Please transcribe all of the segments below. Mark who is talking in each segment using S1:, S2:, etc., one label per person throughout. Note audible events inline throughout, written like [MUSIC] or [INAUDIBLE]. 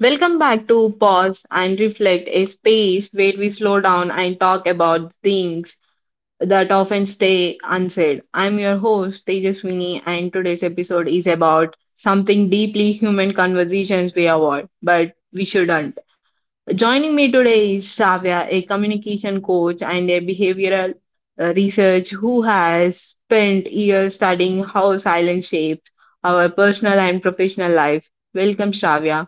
S1: Welcome back to Pause and Reflect, a space where we slow down and talk about things that often stay unsaid. I'm your host, Tejaswini, and today's episode is about something deeply human conversations we avoid, but we shouldn't. Joining me today is Shavya, a communication coach and a behavioral research who has spent years studying how silence shapes our personal and professional life. Welcome, Shavya.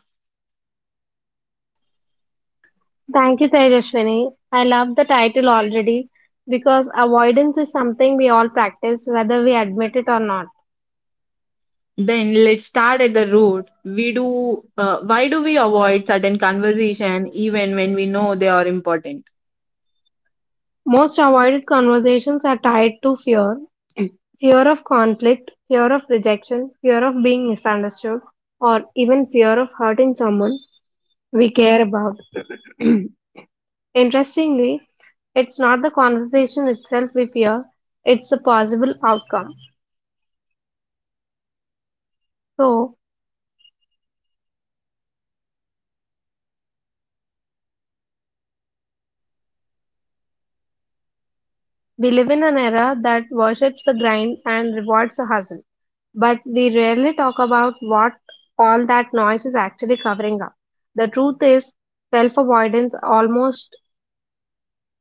S2: Thank you, Tejaswini. I love the title already because avoidance is something we all practice whether we admit it or not.
S1: Then let's start at the root. We do why do we avoid certain conversation even when we know they are important?
S2: Most avoided conversations are tied to fear of conflict, fear of rejection, fear of being misunderstood, or even fear of hurting someone we care about. [CLEARS THROAT] Interestingly, it's not the conversation itself we fear, it's the possible outcome. So, we live in an era that worships the grind and rewards the hustle, but we rarely talk about what all that noise is actually covering up. The truth is, self avoidance almost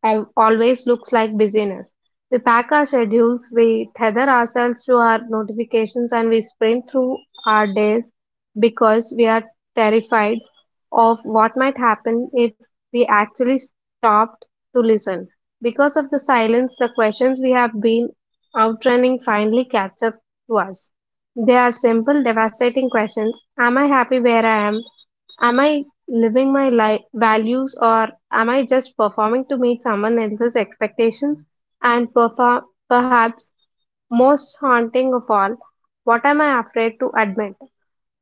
S2: al- always looks like busyness. We pack our schedules, we tether ourselves to our notifications, and we sprint through our days because we are terrified of what might happen if we actually stopped to listen. Because of the silence, the questions we have been outrunning finally catch up to us. They are simple, devastating questions. Am I happy where I am? Am I living my life values or am I just performing to meet someone else's expectations? And perfor- Perhaps most haunting of all, what am I afraid to admit?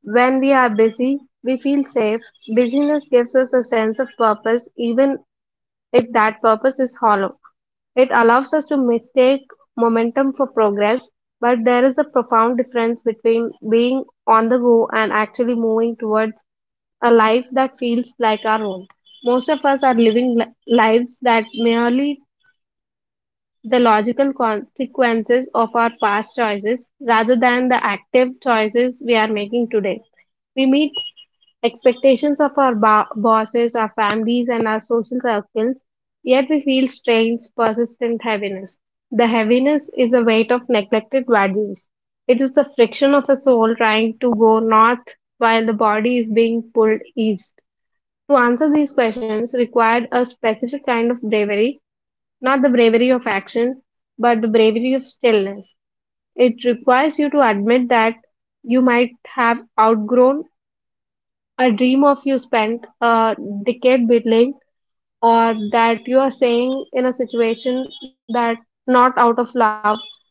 S2: When we are busy, we feel safe. Busyness gives us a sense of purpose, even if that purpose is hollow. It allows us to mistake momentum for progress, but there is a profound difference between being on the go and actually moving towards a life that feels like our own. Most of us are living lives that merely the logical consequences of our past choices rather than the active choices we are making today. We meet expectations of our bosses, our families, and our social circles, yet we feel strange, persistent heaviness. The heaviness is a weight of neglected values. It is the friction of a soul trying to go north while the body is being pulled east. To answer these questions required a specific kind of bravery, not the bravery of action, but the bravery of stillness. It requires you to admit that you might have outgrown a dream of you spent a decade building, or that you are saying in a situation that not out of love,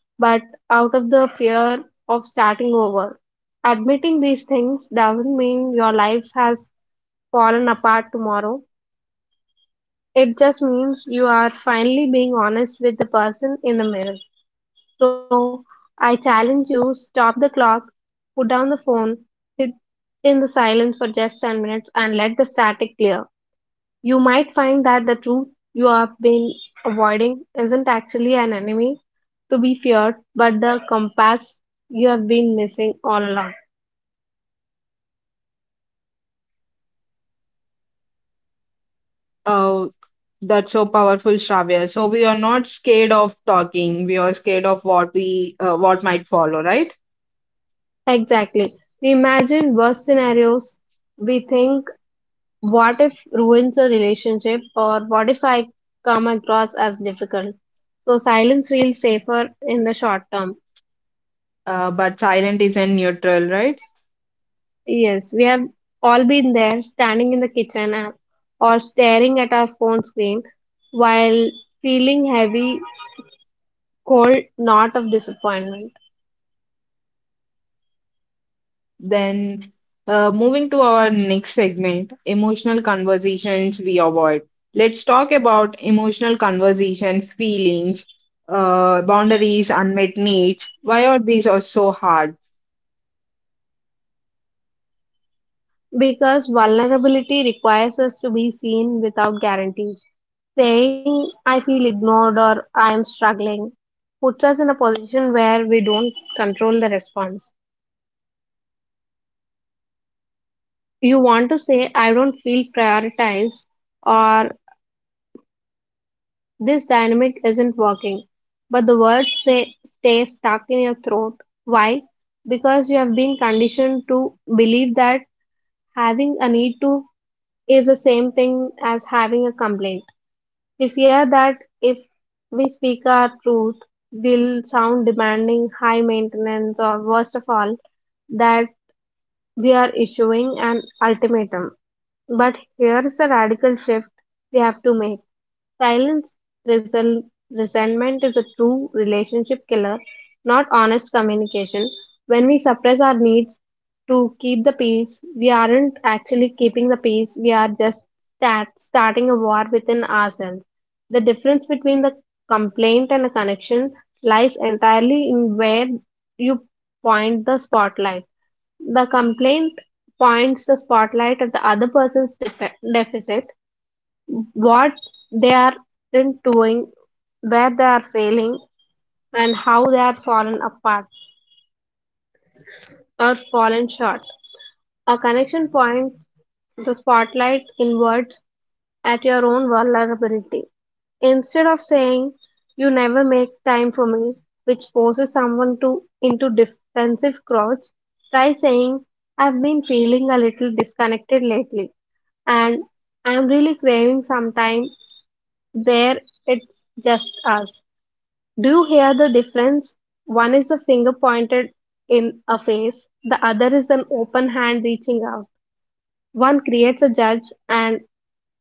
S2: but out of the fear of starting over. Admitting these things doesn't mean your life has fallen apart tomorrow. It just means you are finally being honest with the person in the mirror. So I challenge you, stop the clock, put down the phone, sit in the silence for just 10 minutes, and let the static clear. You might find that the truth you have been avoiding isn't actually an enemy to be feared, but the compass you have been missing all along.
S1: Oh, that's so powerful, Shravya. So we are not scared of talking. We are scared of what might follow, right?
S2: Exactly. We imagine worst scenarios, we think what if ruins a relationship or what if I come across as difficult, so silence feels safer in the short term.
S1: But silent isn't neutral, right?
S2: Yes, we have all been there, standing in the kitchen or staring at our phone screen while feeling heavy, cold knot of disappointment.
S1: Then moving to our next segment, emotional conversations we avoid. Let's talk about emotional conversation, feelings, boundaries, unmet needs. Why are these are so hard?
S2: Because vulnerability requires us to be seen without guarantees, saying I feel ignored or I am struggling puts us in a position where we don't control the response. You want to say, I don't feel prioritized or this dynamic isn't working. But the words say, stay stuck in your throat. Why? Because you have been conditioned to believe that having a need to is the same thing as having a complaint. We fear that if we speak our truth, we'll sound demanding, high maintenance, or worst of all, that we are issuing an ultimatum. But here's the radical shift we have to make. Silence resel- Resentment is a true relationship killer, not honest communication. When we suppress our needs to keep the peace, we aren't actually keeping the peace, we are just starting a war within ourselves. The difference between the complaint and a connection lies entirely in where you point the spotlight. The complaint points the spotlight at the other person's deficit, what they are doing, where they are failing, and how they are fallen apart or fallen short. A connection points the spotlight inwards at your own vulnerability. Instead of saying, you never make time for me, which forces someone to into defensive crouch, try saying, I've been feeling a little disconnected lately and I'm really craving some time where it's just us. Do you hear the difference? One is a finger pointed in a face, the other is an open hand reaching out. One creates a judge and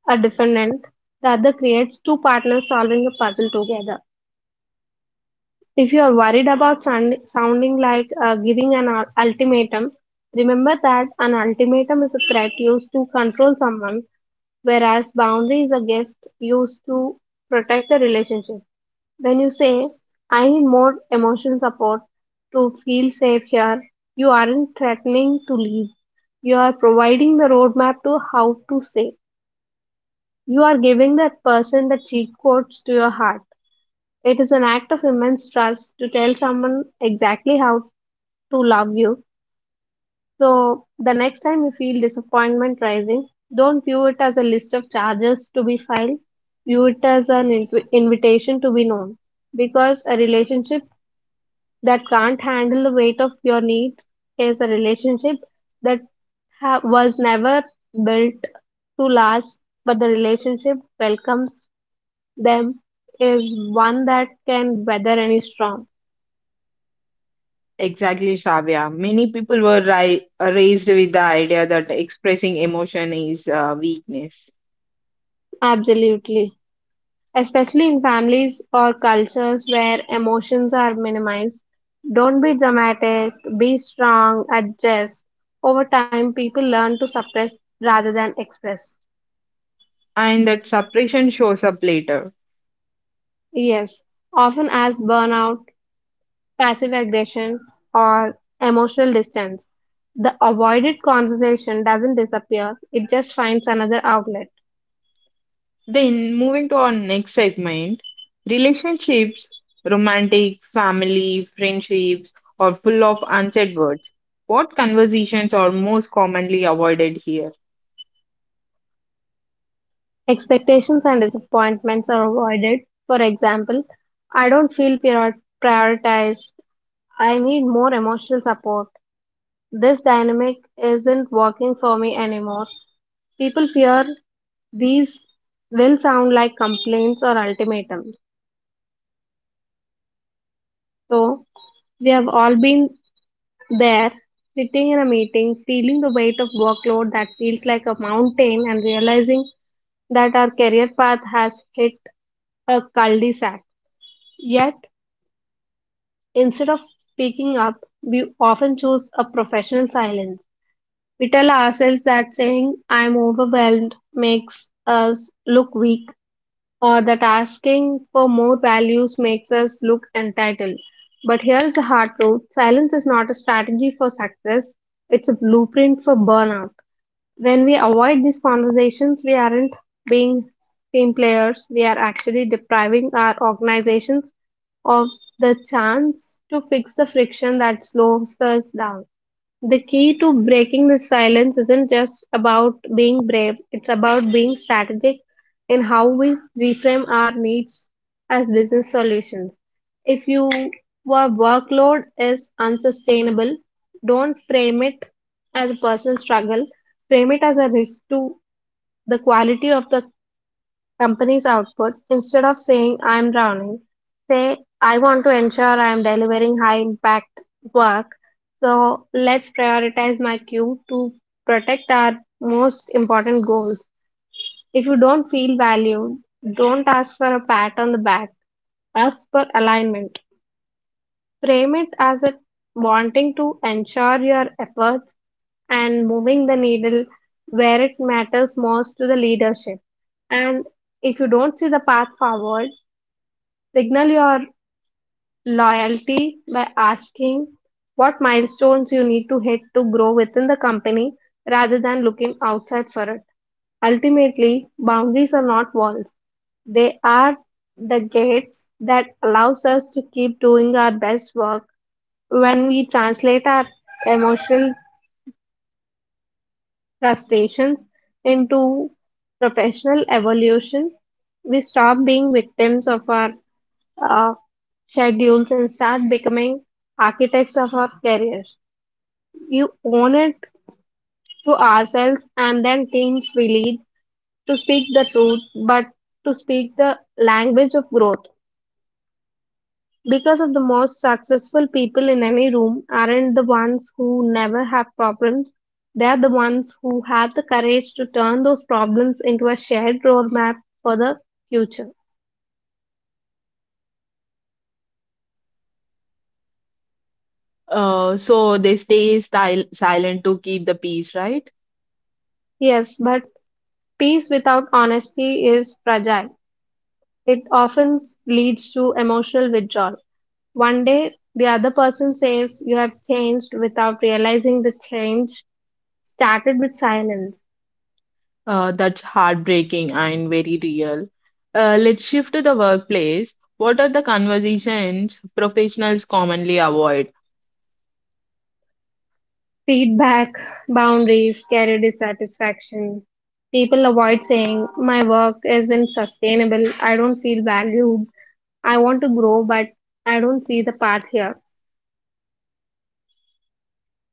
S2: a defendant, the other creates two partners solving a puzzle together. If you are worried about sounding like giving an ultimatum, remember that an ultimatum is a threat used to control someone, whereas boundary is a gift used to protect the relationship. When you say, I need more emotional support to feel safe here, you aren't threatening to leave. You are providing the roadmap to how to say you are giving that person the cheat codes to your heart. It is an act of immense trust to tell someone exactly how to love you. So, the next time you feel disappointment rising, don't view it as a list of charges to be filed. View it as an invitation to be known. Because a relationship that can't handle the weight of your needs is a relationship that was never built to last, but the relationship welcomes them is one that can weather any storm.
S1: Exactly, Shravya. Many people were raised with the idea that expressing emotion is weakness
S2: Absolutely. Especially in families or cultures where emotions are minimized. Don't be dramatic, be strong, adjust. Over time, people learn to suppress rather than express.
S1: and that suppression shows up later.
S2: Yes, often as burnout, passive aggression, or emotional distance. The avoided conversation doesn't disappear, it just finds another outlet.
S1: Then moving to our next segment, relationships, romantic, family, friendships, are full of unsaid words. What conversations are most commonly avoided here?
S2: Expectations and disappointments are avoided. For example, I don't feel prioritized. I need more emotional support. This dynamic isn't working for me anymore. People fear these will sound like complaints or ultimatums. So, we have all been there, sitting in a meeting, feeling the weight of workload that feels like a mountain, and realizing that our career path has hit a cul de sac. Yet, instead of speaking up, we often choose a professional silence. We tell ourselves that saying I'm overwhelmed makes us look weak or that asking for more values makes us look entitled. But here's the hard truth, silence is not a strategy for success, it's a blueprint for burnout. When we avoid these conversations, we aren't being team players, we are actually depriving our organizations of the chance to fix the friction that slows us down. The key to breaking the silence isn't just about being brave, it's about being strategic in how we reframe our needs as business solutions. If you, your workload is unsustainable, don't frame it as a personal struggle, frame it as a risk to the quality of the company's output. Instead of saying I'm drowning, say I want to ensure I'm delivering high impact work. So let's prioritize my queue to protect our most important goals. If you don't feel valued, don't ask for a pat on the back. Ask for alignment. Frame it as a wanting to ensure your efforts and moving the needle where it matters most to the leadership. And if you don't see the path forward, signal your loyalty by asking what milestones you need to hit to grow within the company rather than looking outside for it. Ultimately, boundaries are not walls. They are the gates that allows us to keep doing our best work. When we translate our emotional frustrations into professional evolution, we stop being victims of our uh, schedules and start becoming architects of our career. You own it to ourselves and then teams we lead to speak the truth, but to speak the language of growth. Because of the most successful people in any room aren't the ones who never have problems. They are the ones who have the courage to turn those problems into a shared roadmap for the future.
S1: So they stay style, silent to keep the peace, right?
S2: Yes, but peace without honesty is fragile. It often leads to emotional withdrawal. One day, the other person says you have changed without realizing the change started with silence.
S1: That's heartbreaking and very real. Let's shift to the workplace. What are the conversations professionals commonly avoid?
S2: Feedback, boundaries, career dissatisfaction. People avoid saying, my work isn't sustainable, I don't feel valued, I want to grow, but I don't see the path here.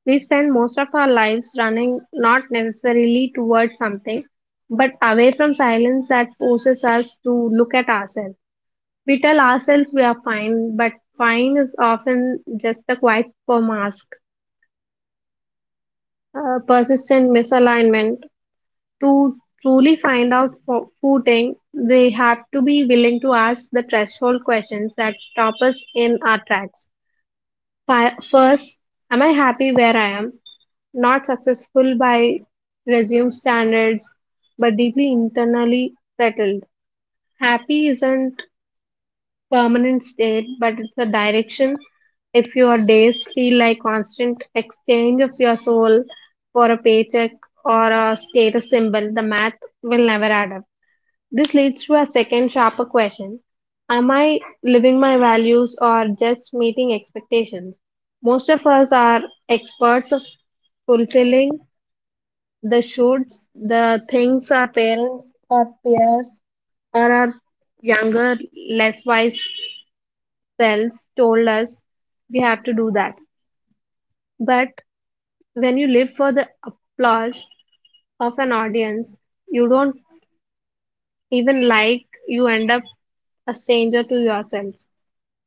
S2: We spend most of our lives running not necessarily towards something, but away from silence that forces us to look at ourselves. We tell ourselves we are fine, but fine is often just a quiet for mask. Persistent misalignment. To truly find out footing, we have to be willing to ask the threshold questions that stop us in our tracks. First, am I happy where I am? Not successful by resume standards, but deeply internally settled. Happy isn't permanent state, but it's a direction. If your days feel like constant exchange of your soul for a paycheck or a status symbol, the math will never add up. This leads to a second, sharper question: am I living my values or just meeting expectations? Most of us are experts of fulfilling the shoulds, the things our parents, our peers, or our younger, less wise selves told us we have to do that. But when you live for the applause of an audience, you don't you end up a stranger to yourself.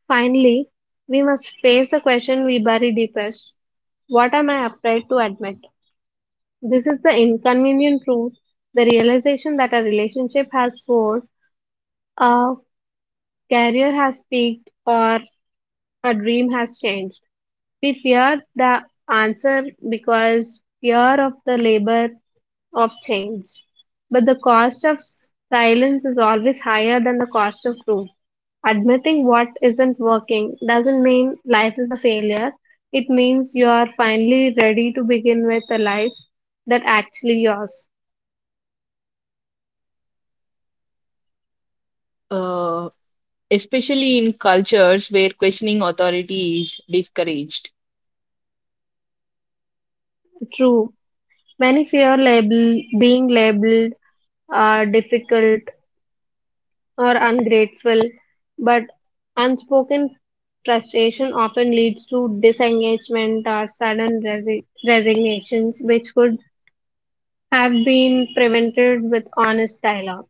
S2: Finally, we must face the question we bury deepest: what am I afraid to admit? This is the inconvenient truth, the realization that a relationship has soared, a career has peaked, or a dream has changed. We fear the answer because fear of the labor of change. But the cost of silence is always higher than the cost of truth. Admitting what isn't working doesn't mean life is a failure. It means you are finally ready to begin with a life that actually yours.
S1: Uh, especially in cultures where questioning authority is discouraged.
S2: True. Many fear label being labeled difficult or ungrateful, but unspoken frustration often leads to disengagement or sudden resignations, which could have been prevented with honest dialogue.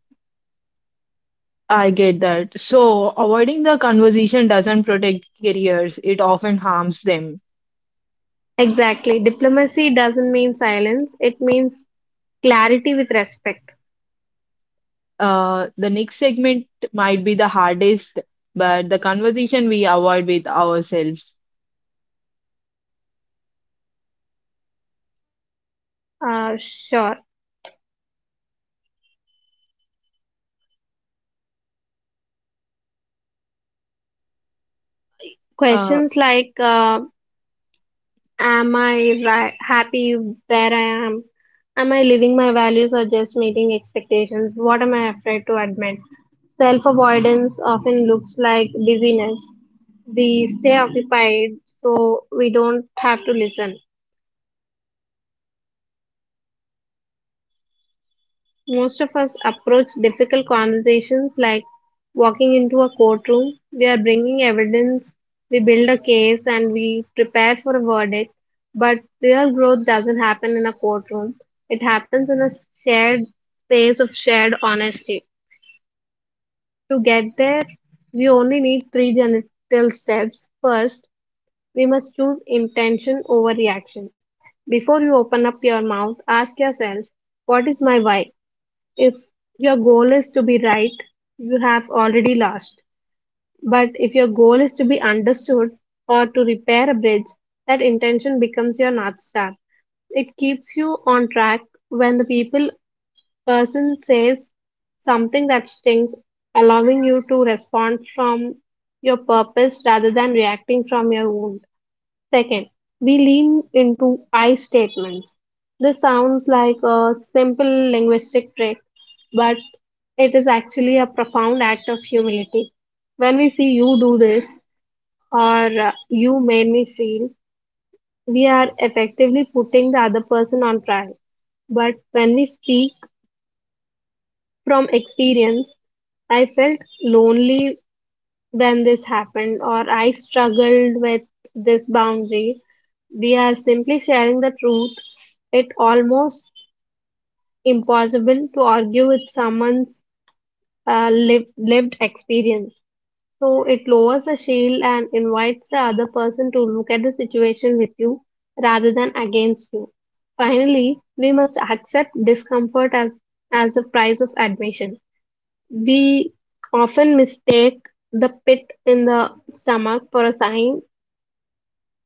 S1: I get that. So, avoiding the conversation doesn't protect careers, it often harms them.
S2: Exactly. Diplomacy doesn't mean silence, it means clarity with respect.
S1: The next segment might be the hardest, but the conversation we avoid with ourselves.
S2: Uh, sure.
S1: Uh,
S2: Questions like am I ri happy where I am? Am I living my values or just meeting expectations? What am I afraid to admit? Self avoidance often looks like busyness. We stay occupied so we don't have to listen. Most of us approach difficult conversations like walking into a courtroom. We are bringing evidence, we build a case, and we prepare for a verdict. But real growth doesn't happen in a courtroom, it happens in a shared space of shared honesty. To get there, we only need three gentle steps. First, we must choose intention over reaction. Before you open up your mouth, ask yourself, what is my why? If your goal is to be right, you have already lost. But if your goal is to be understood or to repair a bridge, that intention becomes your North Star. It keeps you on track when the people person says something that stings, allowing you to respond from your purpose rather than reacting from your wound. Second, we lean into I statements. This sounds like a simple linguistic trick, but it is actually a profound act of humility. When we say you do this or you made me feel, we are effectively putting the other person on trial. But when we speak from experience, I felt lonely when this happened, or I struggled with this boundary, we are simply sharing the truth. It almost impossible to argue with someone's lived experience, so it lowers the shield and invites the other person to look at the situation with you rather than against you. Finally, we must accept discomfort as a price of admission. We often mistake the pit in the stomach for a sign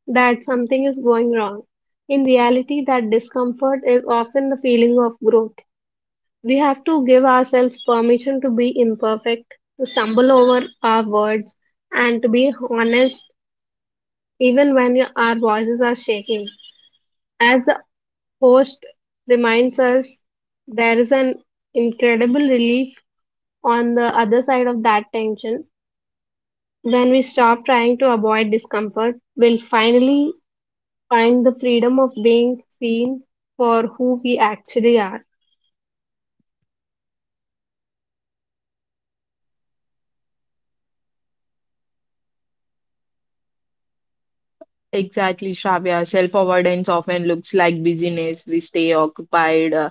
S2: that something is going wrong. In reality, that discomfort is often the feeling of growth. We have to give ourselves permission to be imperfect, to stumble over our words, and to be honest even when our voices are shaking. As the host reminds us, there is an incredible relief on the other side of that tension. When we stop trying to avoid discomfort, we'll finally find the freedom of being seen for who we actually are.
S1: exactly, Shravya. Self avoidance often looks like busyness. We stay occupied, uh,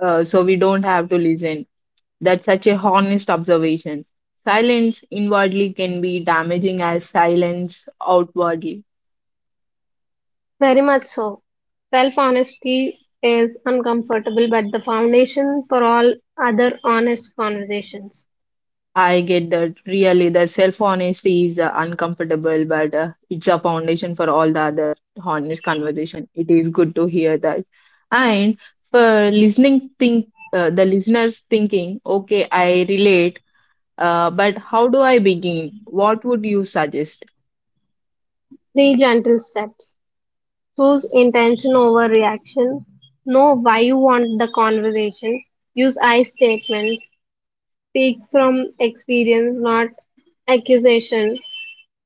S1: uh, so we don't have to listen. That such a honest observation. Silence inwardly can be damaging as silence outwardly.
S2: Very much so. Self honesty is uncomfortable but the foundation for all other honest conversations.
S1: I get that really the self honesty is uncomfortable, but it's a foundation for all the other honest conversation. It is good to hear that. And for listening, think the listeners thinking, okay, I relate, but how do I begin? What would you suggest,
S2: Three gentle steps: choose intention over reaction, know why you want the conversation, use I statements, speak from experience, not accusation,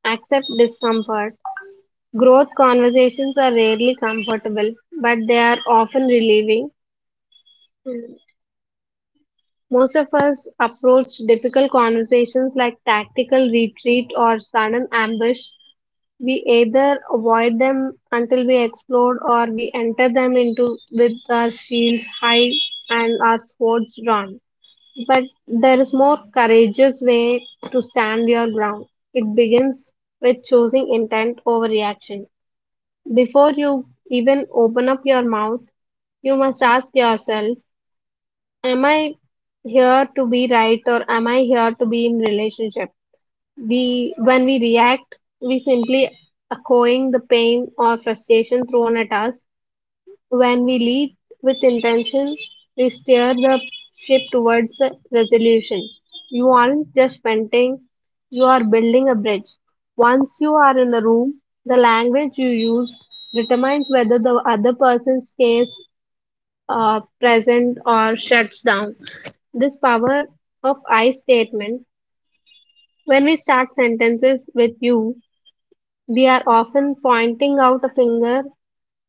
S2: accept discomfort. Growth conversations are rarely comfortable, but they are often relieving. Mm. Most of us approach difficult conversations like tactical retreat or sudden ambush. We either avoid them until we explode or we enter them into with our shields high and our swords drawn. But there is more courageous way to stand your ground. It begins with choosing intent over reaction. Before you even open up your mouth, you must ask yourself, am I here to be right or am I here to be in relationship? When we react, we simply echoing the pain or frustration thrown at us. When we lead with intention, we steer the ship towards a resolution. You aren't just venting, you are building a bridge. Once you are in the room, the language you use determines whether the other person stays present or shuts down. This power of I statement, when we start sentences with you, we are often pointing out a finger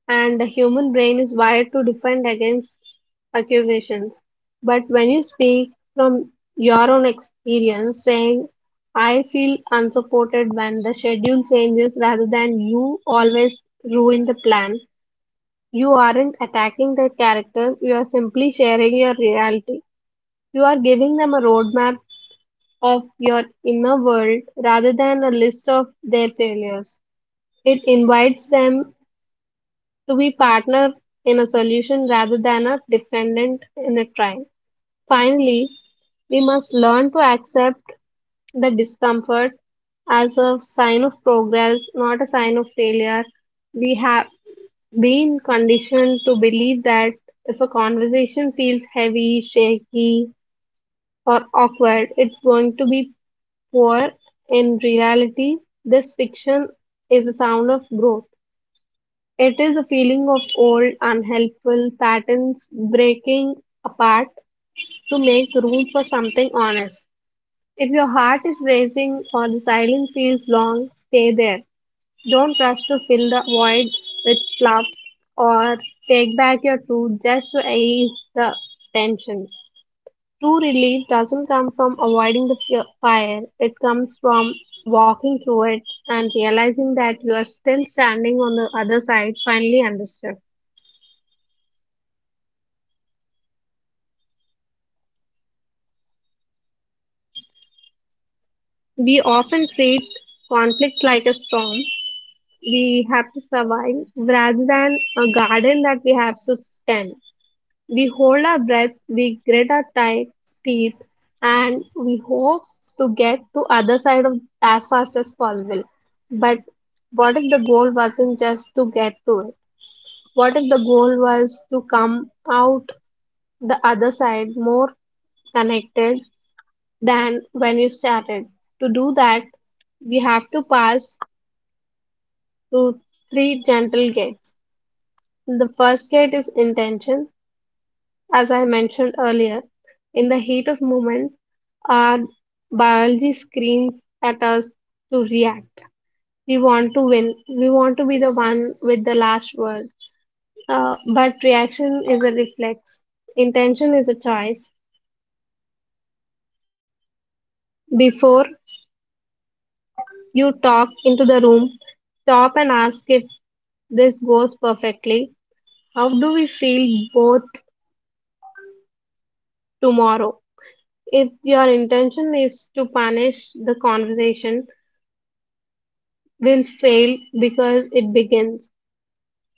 S2: and the human brain is wired to defend against accusations. But when you speak from your own experience, saying, I feel unsupported when the schedule changes rather than you always ruin the plan, you aren't attacking the character, you are simply sharing your reality. You are giving them a roadmap of your inner world rather than a list of their failures. It invites them to be partner in a solution rather than a defendant in a trial. Finally, we must learn to accept the discomfort as a sign of progress, not a sign of failure. We have been conditioned to believe that if a conversation feels heavy, shaky, or awkward, it's going to be poor. In reality, this fiction is a sound of growth. It is a feeling of old, unhelpful patterns breaking apart to make room for something honest. If your heart is racing or the silence feels long, stay there. Don't rush to fill the void with fluff or take back your truth just to ease the tension. True relief doesn't come from avoiding the fire, it comes from walking through it and realizing that you are still standing on the other side, finally understood. We often treat conflict like a storm we have to survive rather than a garden that we have to tend. We hold our breath, we grit our teeth, and we hope to get to other side of as fast as possible. But what if the goal wasn't just to get to it? What if the goal was to come out the other side more connected than when you started? To do that, we have to pass to three gentle gates. The first gate is intention, as I mentioned earlier. In the heat of moment, our biology screams at us to react. We want to win. We want to be the one with the last word. But reaction is a reflex. Intention is a choice. Before you talk into the room, stop and ask if this goes perfectly. How do we feel both tomorrow? If your intention is to punish, the conversation will fail because it begins.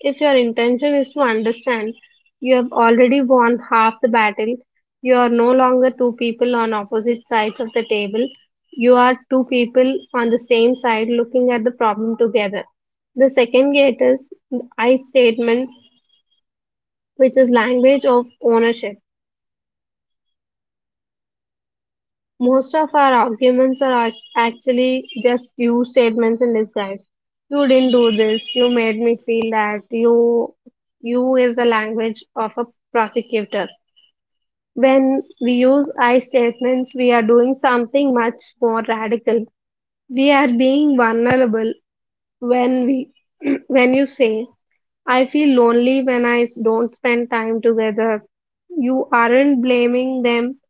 S2: If your intention is to understand, you have already won half the battle. You are no longer two people on opposite sides of the table. You are two people on the same side looking at the problem together. The second gate is the I statement, which is language of ownership. Most of our arguments are actually just you statements in disguise. You didn't do this. You made me feel that. You is the language of a prosecutor. When we use I statements, we are doing something much more radical. We are being vulnerable when [CLEARS THROAT] when you say, I feel lonely when I don't spend time together. You aren't blaming them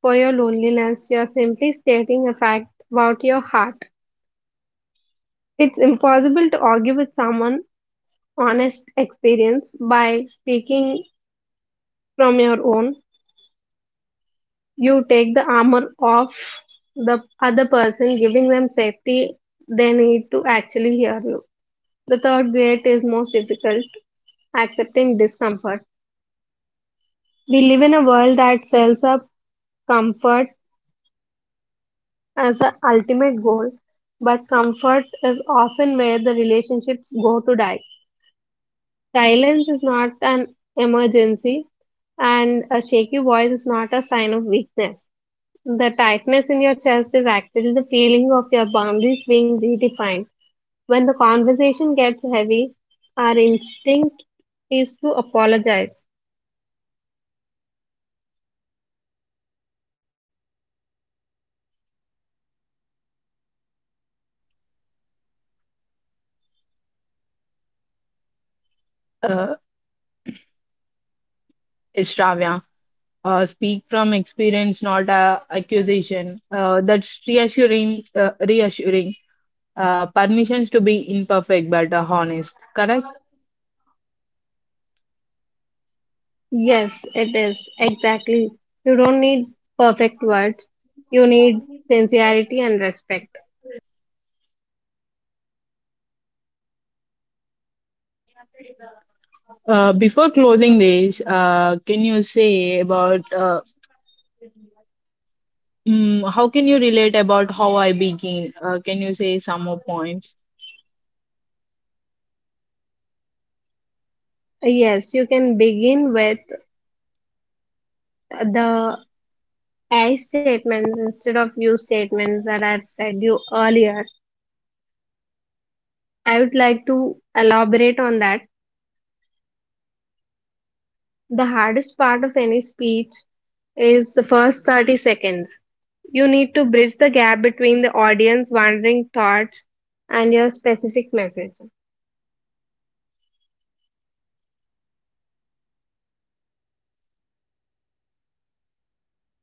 S2: for your loneliness. You are simply stating a fact about your heart. It's impossible to argue with someone honest experience by speaking from your own. You take the armor off the other person, giving them safety they need to actually hear you. The third gate is most difficult: accepting discomfort. We live in a world that sells up comfort as the ultimate goal, but comfort is often where the relationships go to die. Silence is not an emergency, and a shaky voice is not a sign of weakness. The tightness in your chest is actually the feeling of your boundaries being redefined. When the conversation gets heavy, our instinct is to apologize.
S1: uh, Shravya? Uh, speak from experience, not accusation. That's reassuring. Reassuring. Permissions to be imperfect but honest. Correct.
S2: Yes, it is. Exactly. You don't need perfect words, you need sincerity and respect.
S1: Before closing this, can you say about how can you relate about how I begin? Can you say some more points?
S2: Yes, you can begin with the I statements instead of you statements that I've said you earlier. I would like to elaborate on that. The hardest part of any speech is the first 30 seconds. You need to bridge the gap between the audience wandering thoughts and your specific message.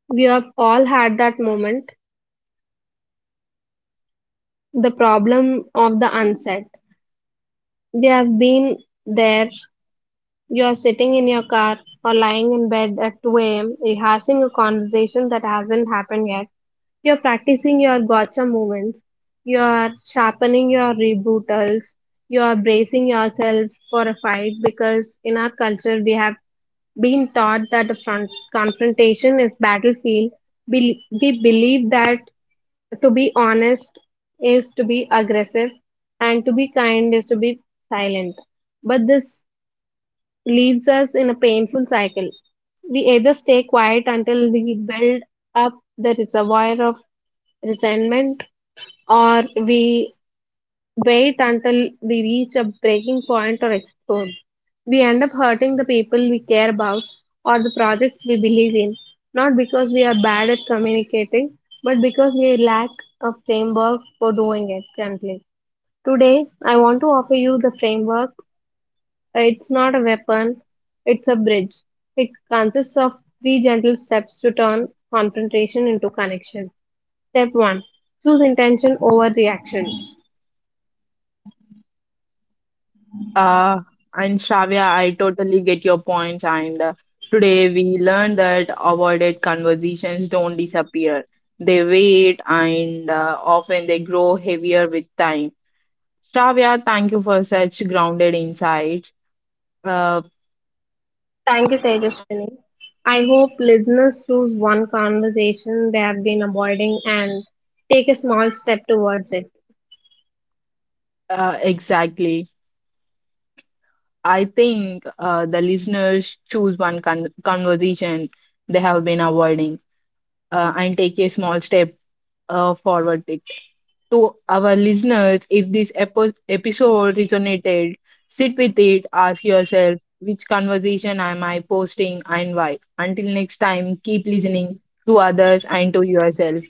S2: We have all had that moment, the problem of the unsaid. We have been there. You are sitting in your car or lying in bed at 2 a.m., rehearsing a conversation that hasn't happened yet. You are practicing your gotcha movements. You are sharpening your rebuttals. You are bracing yourself for a fight because in our culture we have been taught that a front confrontation is battlefield. We believe that to be honest is to be aggressive and to be kind is to be silent. But this leaves us in a painful cycle. We either stay quiet until we build up the reservoir of resentment or we wait until we reach a breaking point or explode. We end up hurting the people we care about or the projects we believe in, not because we are bad at communicating, but because we lack a framework for doing it gently. Today, I want to offer you the framework. It's not a weapon, it's a bridge. It consists of three gentle steps to turn confrontation into connection. Step 1: choose intention over reaction.
S1: Uh, and Shravya, I totally get your point. And today we learned that avoided conversations don't disappear. They wait and often they grow heavier with time. Shravya, thank you for such grounded insights. Uh,
S2: Thank you, Tejaswini. I hope listeners choose one conversation they have been avoiding and take a small step towards it.
S1: exactly. I think the listeners choose one conversation they have been avoiding and take a small step forward to our listeners, if this episode resonated, sit with it, ask yourself which conversation am I posting and why. Until next time, keep listening to others and to yourself.